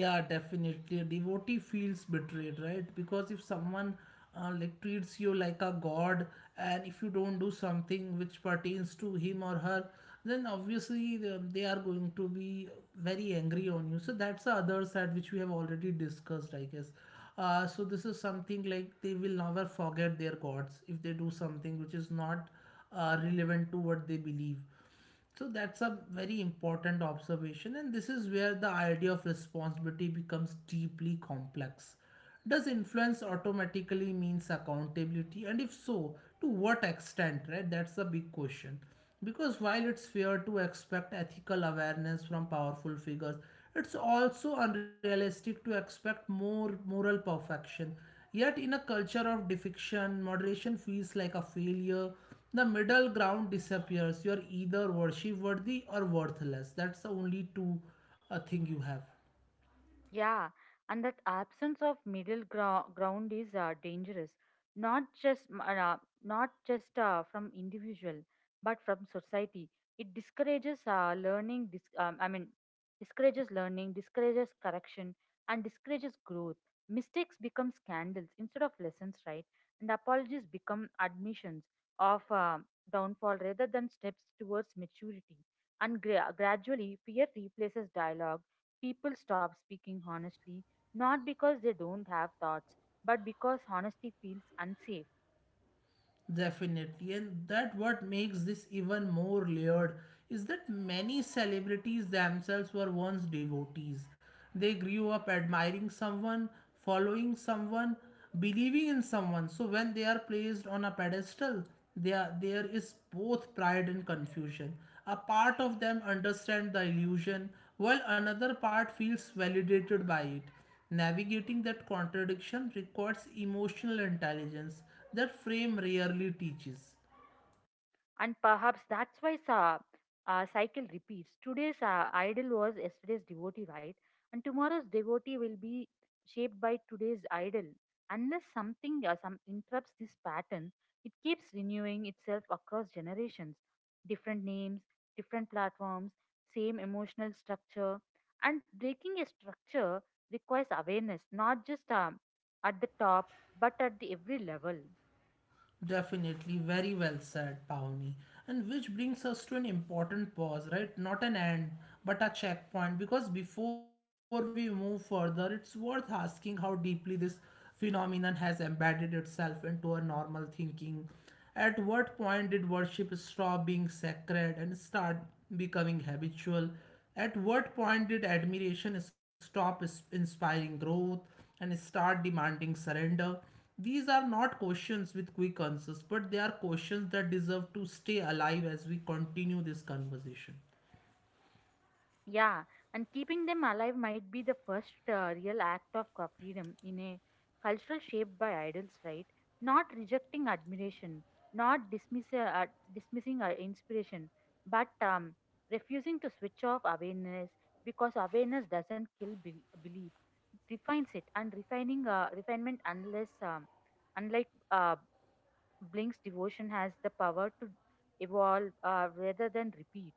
Speaker 1: Yeah, definitely a devotee feels betrayed, right? Because if someone, like treats you like a god, and if you don't do something which pertains to him or her, then obviously they are going to be very angry on you. So that's the other side which we have already discussed, I guess. Uh, so this is something like they will never forget their gods if they do something which is not relevant to what they believe. So that's a very important observation, and this is where the idea of responsibility becomes deeply complex. Does influence automatically means accountability? And if so, to what extent, right? That's the big question. Because while it's fair to expect ethical awareness from powerful figures, it's also unrealistic to expect more moral perfection. Yet, in a culture of defection, moderation feels like a failure. The middle ground disappears. You are either worship worthy or worthless. That's the only two thing you have.
Speaker 2: Yeah, and that absence of ground is dangerous, not not just from individual, but from society. It discourages learning. Discourages learning, discourages correction, and discourages growth. Mistakes become scandals instead of lessons, right? And apologies become admissions of downfall rather than steps towards maturity. And gradually, fear replaces dialogue. People stop speaking honestly, not because they don't have thoughts, but because honesty feels unsafe.
Speaker 1: Definitely, and that what makes this even more layered is that many celebrities themselves were once devotees. They grew up admiring someone, following someone, believing in someone. So when they are placed on a pedestal, they are, there is both pride and confusion. A part of them understand the illusion, while another part feels validated by it. Navigating that contradiction requires emotional intelligence that frame rarely teaches.
Speaker 2: And perhaps that's why cycle repeats. Today's idol was yesterday's devotee, right? And tomorrow's devotee will be shaped by today's idol. Unless something some interrupts this pattern, it keeps renewing itself across generations. Different names, different platforms, same emotional structure. And breaking a structure requires awareness, not just at the top, but at the every level.
Speaker 1: Definitely, very well said, Pawni. And which brings us to an important pause, right? Not an end, but a checkpoint. Because before we move further, it's worth asking how deeply this phenomenon has embedded itself into our normal thinking. At what point did worship stop being sacred and start becoming habitual? At what point did admiration inspiring growth and start demanding surrender? These are not questions with quick answers, but they are questions that deserve to stay alive as we continue this conversation.
Speaker 2: Yeah, and keeping them alive might be the first real act of freedom in a cultural shaped by idols, right? Not rejecting admiration, not dismissing inspiration, but refusing to switch off awareness, because awareness doesn't kill belief. It refines it, and refining refinement, unless unlike Blink's devotion, has the power to evolve rather than repeat.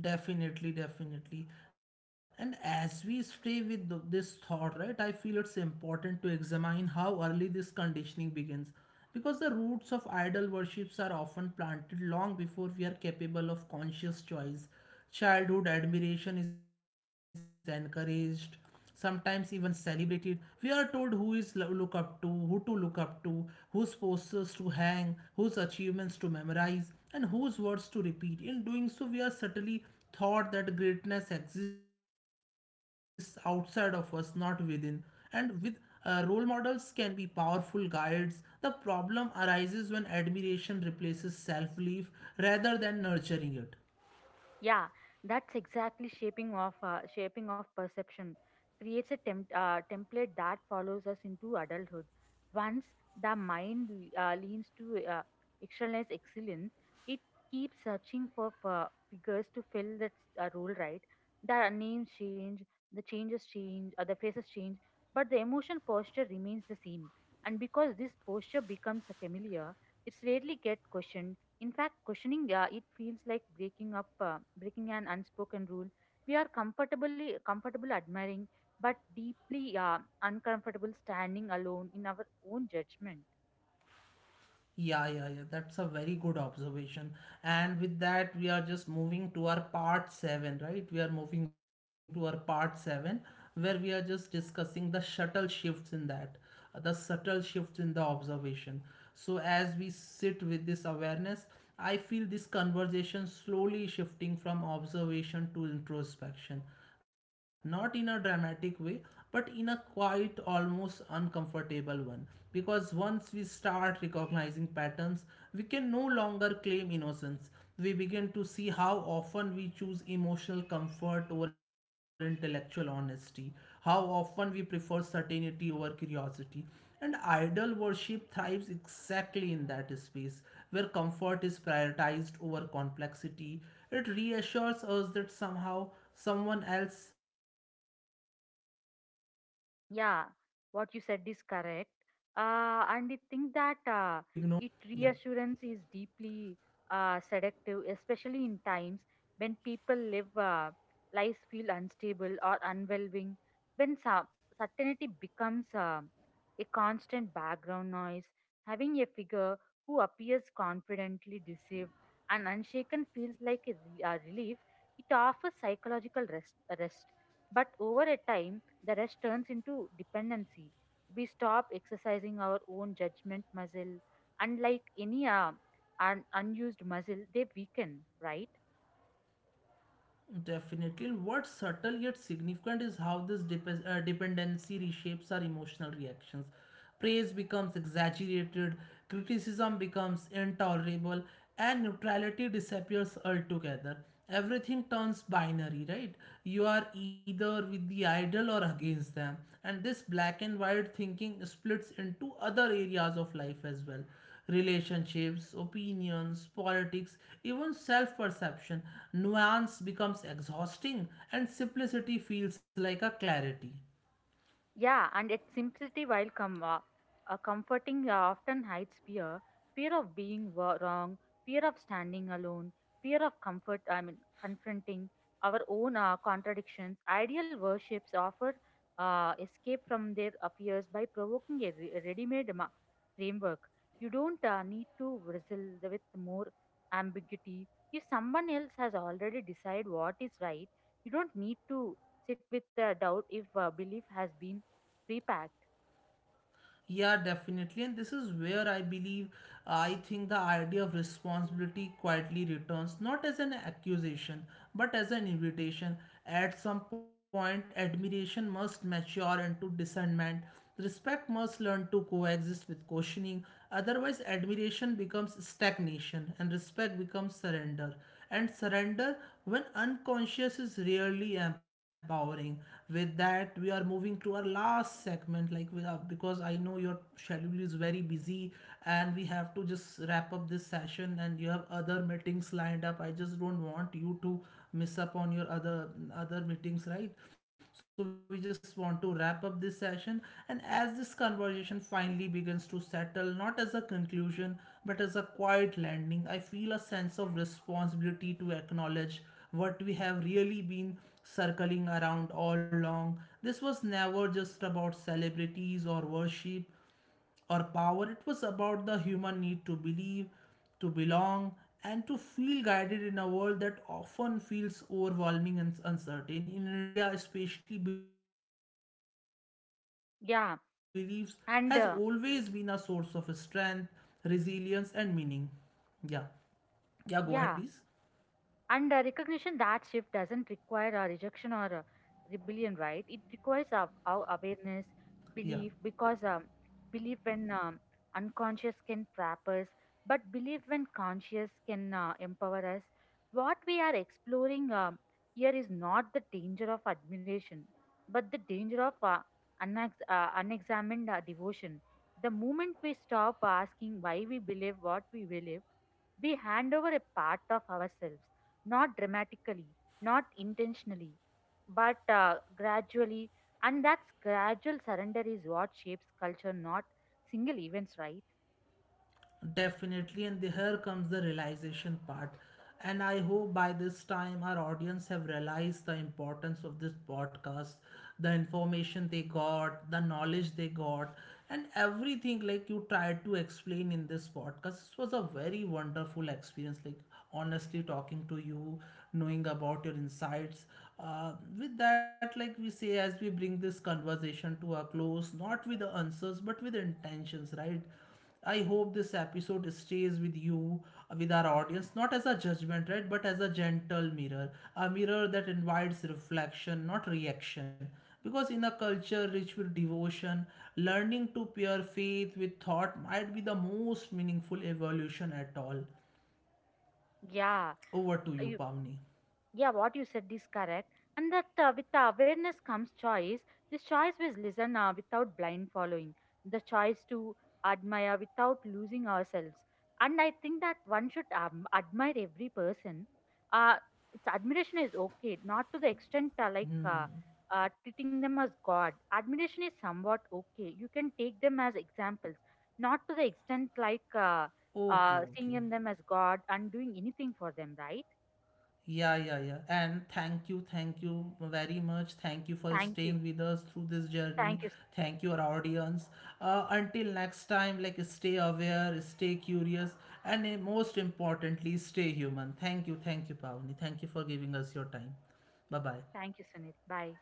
Speaker 1: Definitely, definitely. And as we stay with this thought, right, I feel it's important to examine how early this conditioning begins. Because the roots of idol worships are often planted long before we are capable of conscious choice. Childhood admiration is encouraged, sometimes even celebrated. We are told look up to, who to look up to, whose posters to hang, whose achievements to memorize, and whose words to repeat. In doing so, we are subtly taught that greatness exists outside of us, not within. And with role models can be powerful guides. The problem arises when admiration replaces self belief rather than nurturing it.
Speaker 2: Yeah, that's exactly shaping of perception creates a template that follows us into adulthood. Once the mind leans to externalize excellence, it keeps searching for figures to fill that role. Right. The names change, the changes change, the faces change, but the emotion posture remains the same. And because this posture becomes familiar, it's rarely get questioned. In fact, questioning it feels like breaking an unspoken rule. We are comfortably comfortable admiring, but deeply uncomfortable standing alone in our own judgment.
Speaker 1: Yeah, yeah, yeah. That's a very good observation. And with that, we are just moving to our part seven, right? We are moving to our part seven, where we are just discussing the subtle shifts in that, the subtle shifts in the observation. So, as we sit with this awareness, I feel this conversation slowly shifting from observation to introspection, not in a dramatic way, but in a quiet, almost uncomfortable one. Because once we start recognizing patterns, we can no longer claim innocence. We begin to see how often we choose emotional comfort over intellectual honesty, how often we prefer certainty over curiosity, and idol worship thrives exactly in that space where comfort is prioritized over complexity. It reassures us that somehow someone else has to ignore that, someone has to see that
Speaker 2: Yeah,
Speaker 1: aspect,
Speaker 2: what you said is
Speaker 1: and that,
Speaker 2: correct.
Speaker 1: hmm, yeah.
Speaker 2: And I think that it reassurance is deeply seductive, especially in times when people live lives feel unstable or unwelling, when some certainty becomes a constant background noise. Having a figure who appears confidently deceived and unshaken feels like a relief. It offers psychological rest, but over a time the rest turns into dependency. We stop exercising our own judgment muscle. Unlike any unused muscle, they weaken, right?
Speaker 1: Definitely. And what's subtle yet significant is how this dependency reshapes our emotional reactions. Praise becomes exaggerated, criticism becomes intolerable, and neutrality disappears altogether. Everything turns binary, right? You are either with the idol or against them. And this black and white thinking splits into other areas of life as well: relationships, opinions, politics, even self perception. Nuance becomes exhausting, and simplicity feels like a clarity.
Speaker 2: Yeah, and its simplicity, while comforting, often hides fear of being wrong, fear of standing alone, fear of confronting our own contradictions. Ideal worships offer escape from their fears by provoking a ready made framework. You don't need to wrestle with more ambiguity. If someone else has already decided what is right, you don't need to sit with the doubt if belief has been repacked.
Speaker 1: Yeah, definitely. And this is where I believe, I think the idea of responsibility quietly returns, not as an accusation, but as an invitation. At some point, admiration must mature into discernment. Respect must learn to coexist with questioning. Otherwise, admiration becomes stagnation and respect becomes surrender, and surrender when unconscious is really empowering. With that, we are moving to our last segment, like we are, because I know your schedule is very busy and we have to just wrap up this session and you have other meetings lined up. I just don't want you to miss up on your other other meetings, right? So we just want to wrap up this session. And as this conversation finally begins to settle, not as a conclusion, but as a quiet landing, I feel a sense of responsibility to acknowledge what we have really been circling around all along. This was never just about celebrities or worship or power. It was about the human need to believe, to belong, and to feel guided in a world that often feels overwhelming and uncertain. In India, especially, beliefs has always been a source of
Speaker 2: Yeah,
Speaker 1: strength,
Speaker 2: and
Speaker 1: resilience, and meaning. Yeah. Yeah, go ahead, please.
Speaker 2: yeah, recognition that shift doesn't require a rejection or a rebellion, right? It requires our
Speaker 1: Yeah.
Speaker 2: awareness, belief, because belief when unconscious can trap us, but belief when conscious can empower us. What we are exploring here is not the danger of admiration, but the danger of unexamined devotion. The moment we stop asking why we believe what we believe, we hand over a part of ourselves, not dramatically, not intentionally, but gradually. And that's gradual surrender is what shapes culture, not single events, right?
Speaker 1: Definitely, and here comes the realization part. And I hope by this time our audience have realized the importance of this podcast, the information they got, the knowledge they got, and everything like you tried to explain in this podcast. This was a very wonderful experience, like honestly talking to you, knowing about your insights. With that, like we say, as we bring this conversation to a close, not with the answers, but with the intentions, right? I hope this episode stays with you, with our audience, not as a judgment, right, but as a gentle mirror, a mirror that invites reflection, not reaction. Because in a culture rich with devotion, learning to pair faith with thought might be the most meaningful evolution at all.
Speaker 2: Yeah,
Speaker 1: Over to you,
Speaker 2: you-
Speaker 1: Pavni.
Speaker 2: yeah, what you said is correct. And that with the awareness comes choice. This choice was listen without blind following, the choice to admire without losing ourselves. And I think that one should admire every person. Uh, it's admiration is okay, not to the extent treating them as God. Admiration is somewhat okay. You can take them as examples, not to the extent like
Speaker 1: Okay, okay.
Speaker 2: seeing them as God and doing anything for them, right?
Speaker 1: Yeah, yeah, yeah. And thank you very much. Thank you for
Speaker 2: Thank you.
Speaker 1: staying with us through this journey.
Speaker 2: Thank you.
Speaker 1: Thank you, our audience. Until next time, like stay aware, stay curious, and most importantly, stay human. Thank you, Pavni. Thank you for giving us your time. Bye bye.
Speaker 2: Thank you, Sunit. Bye.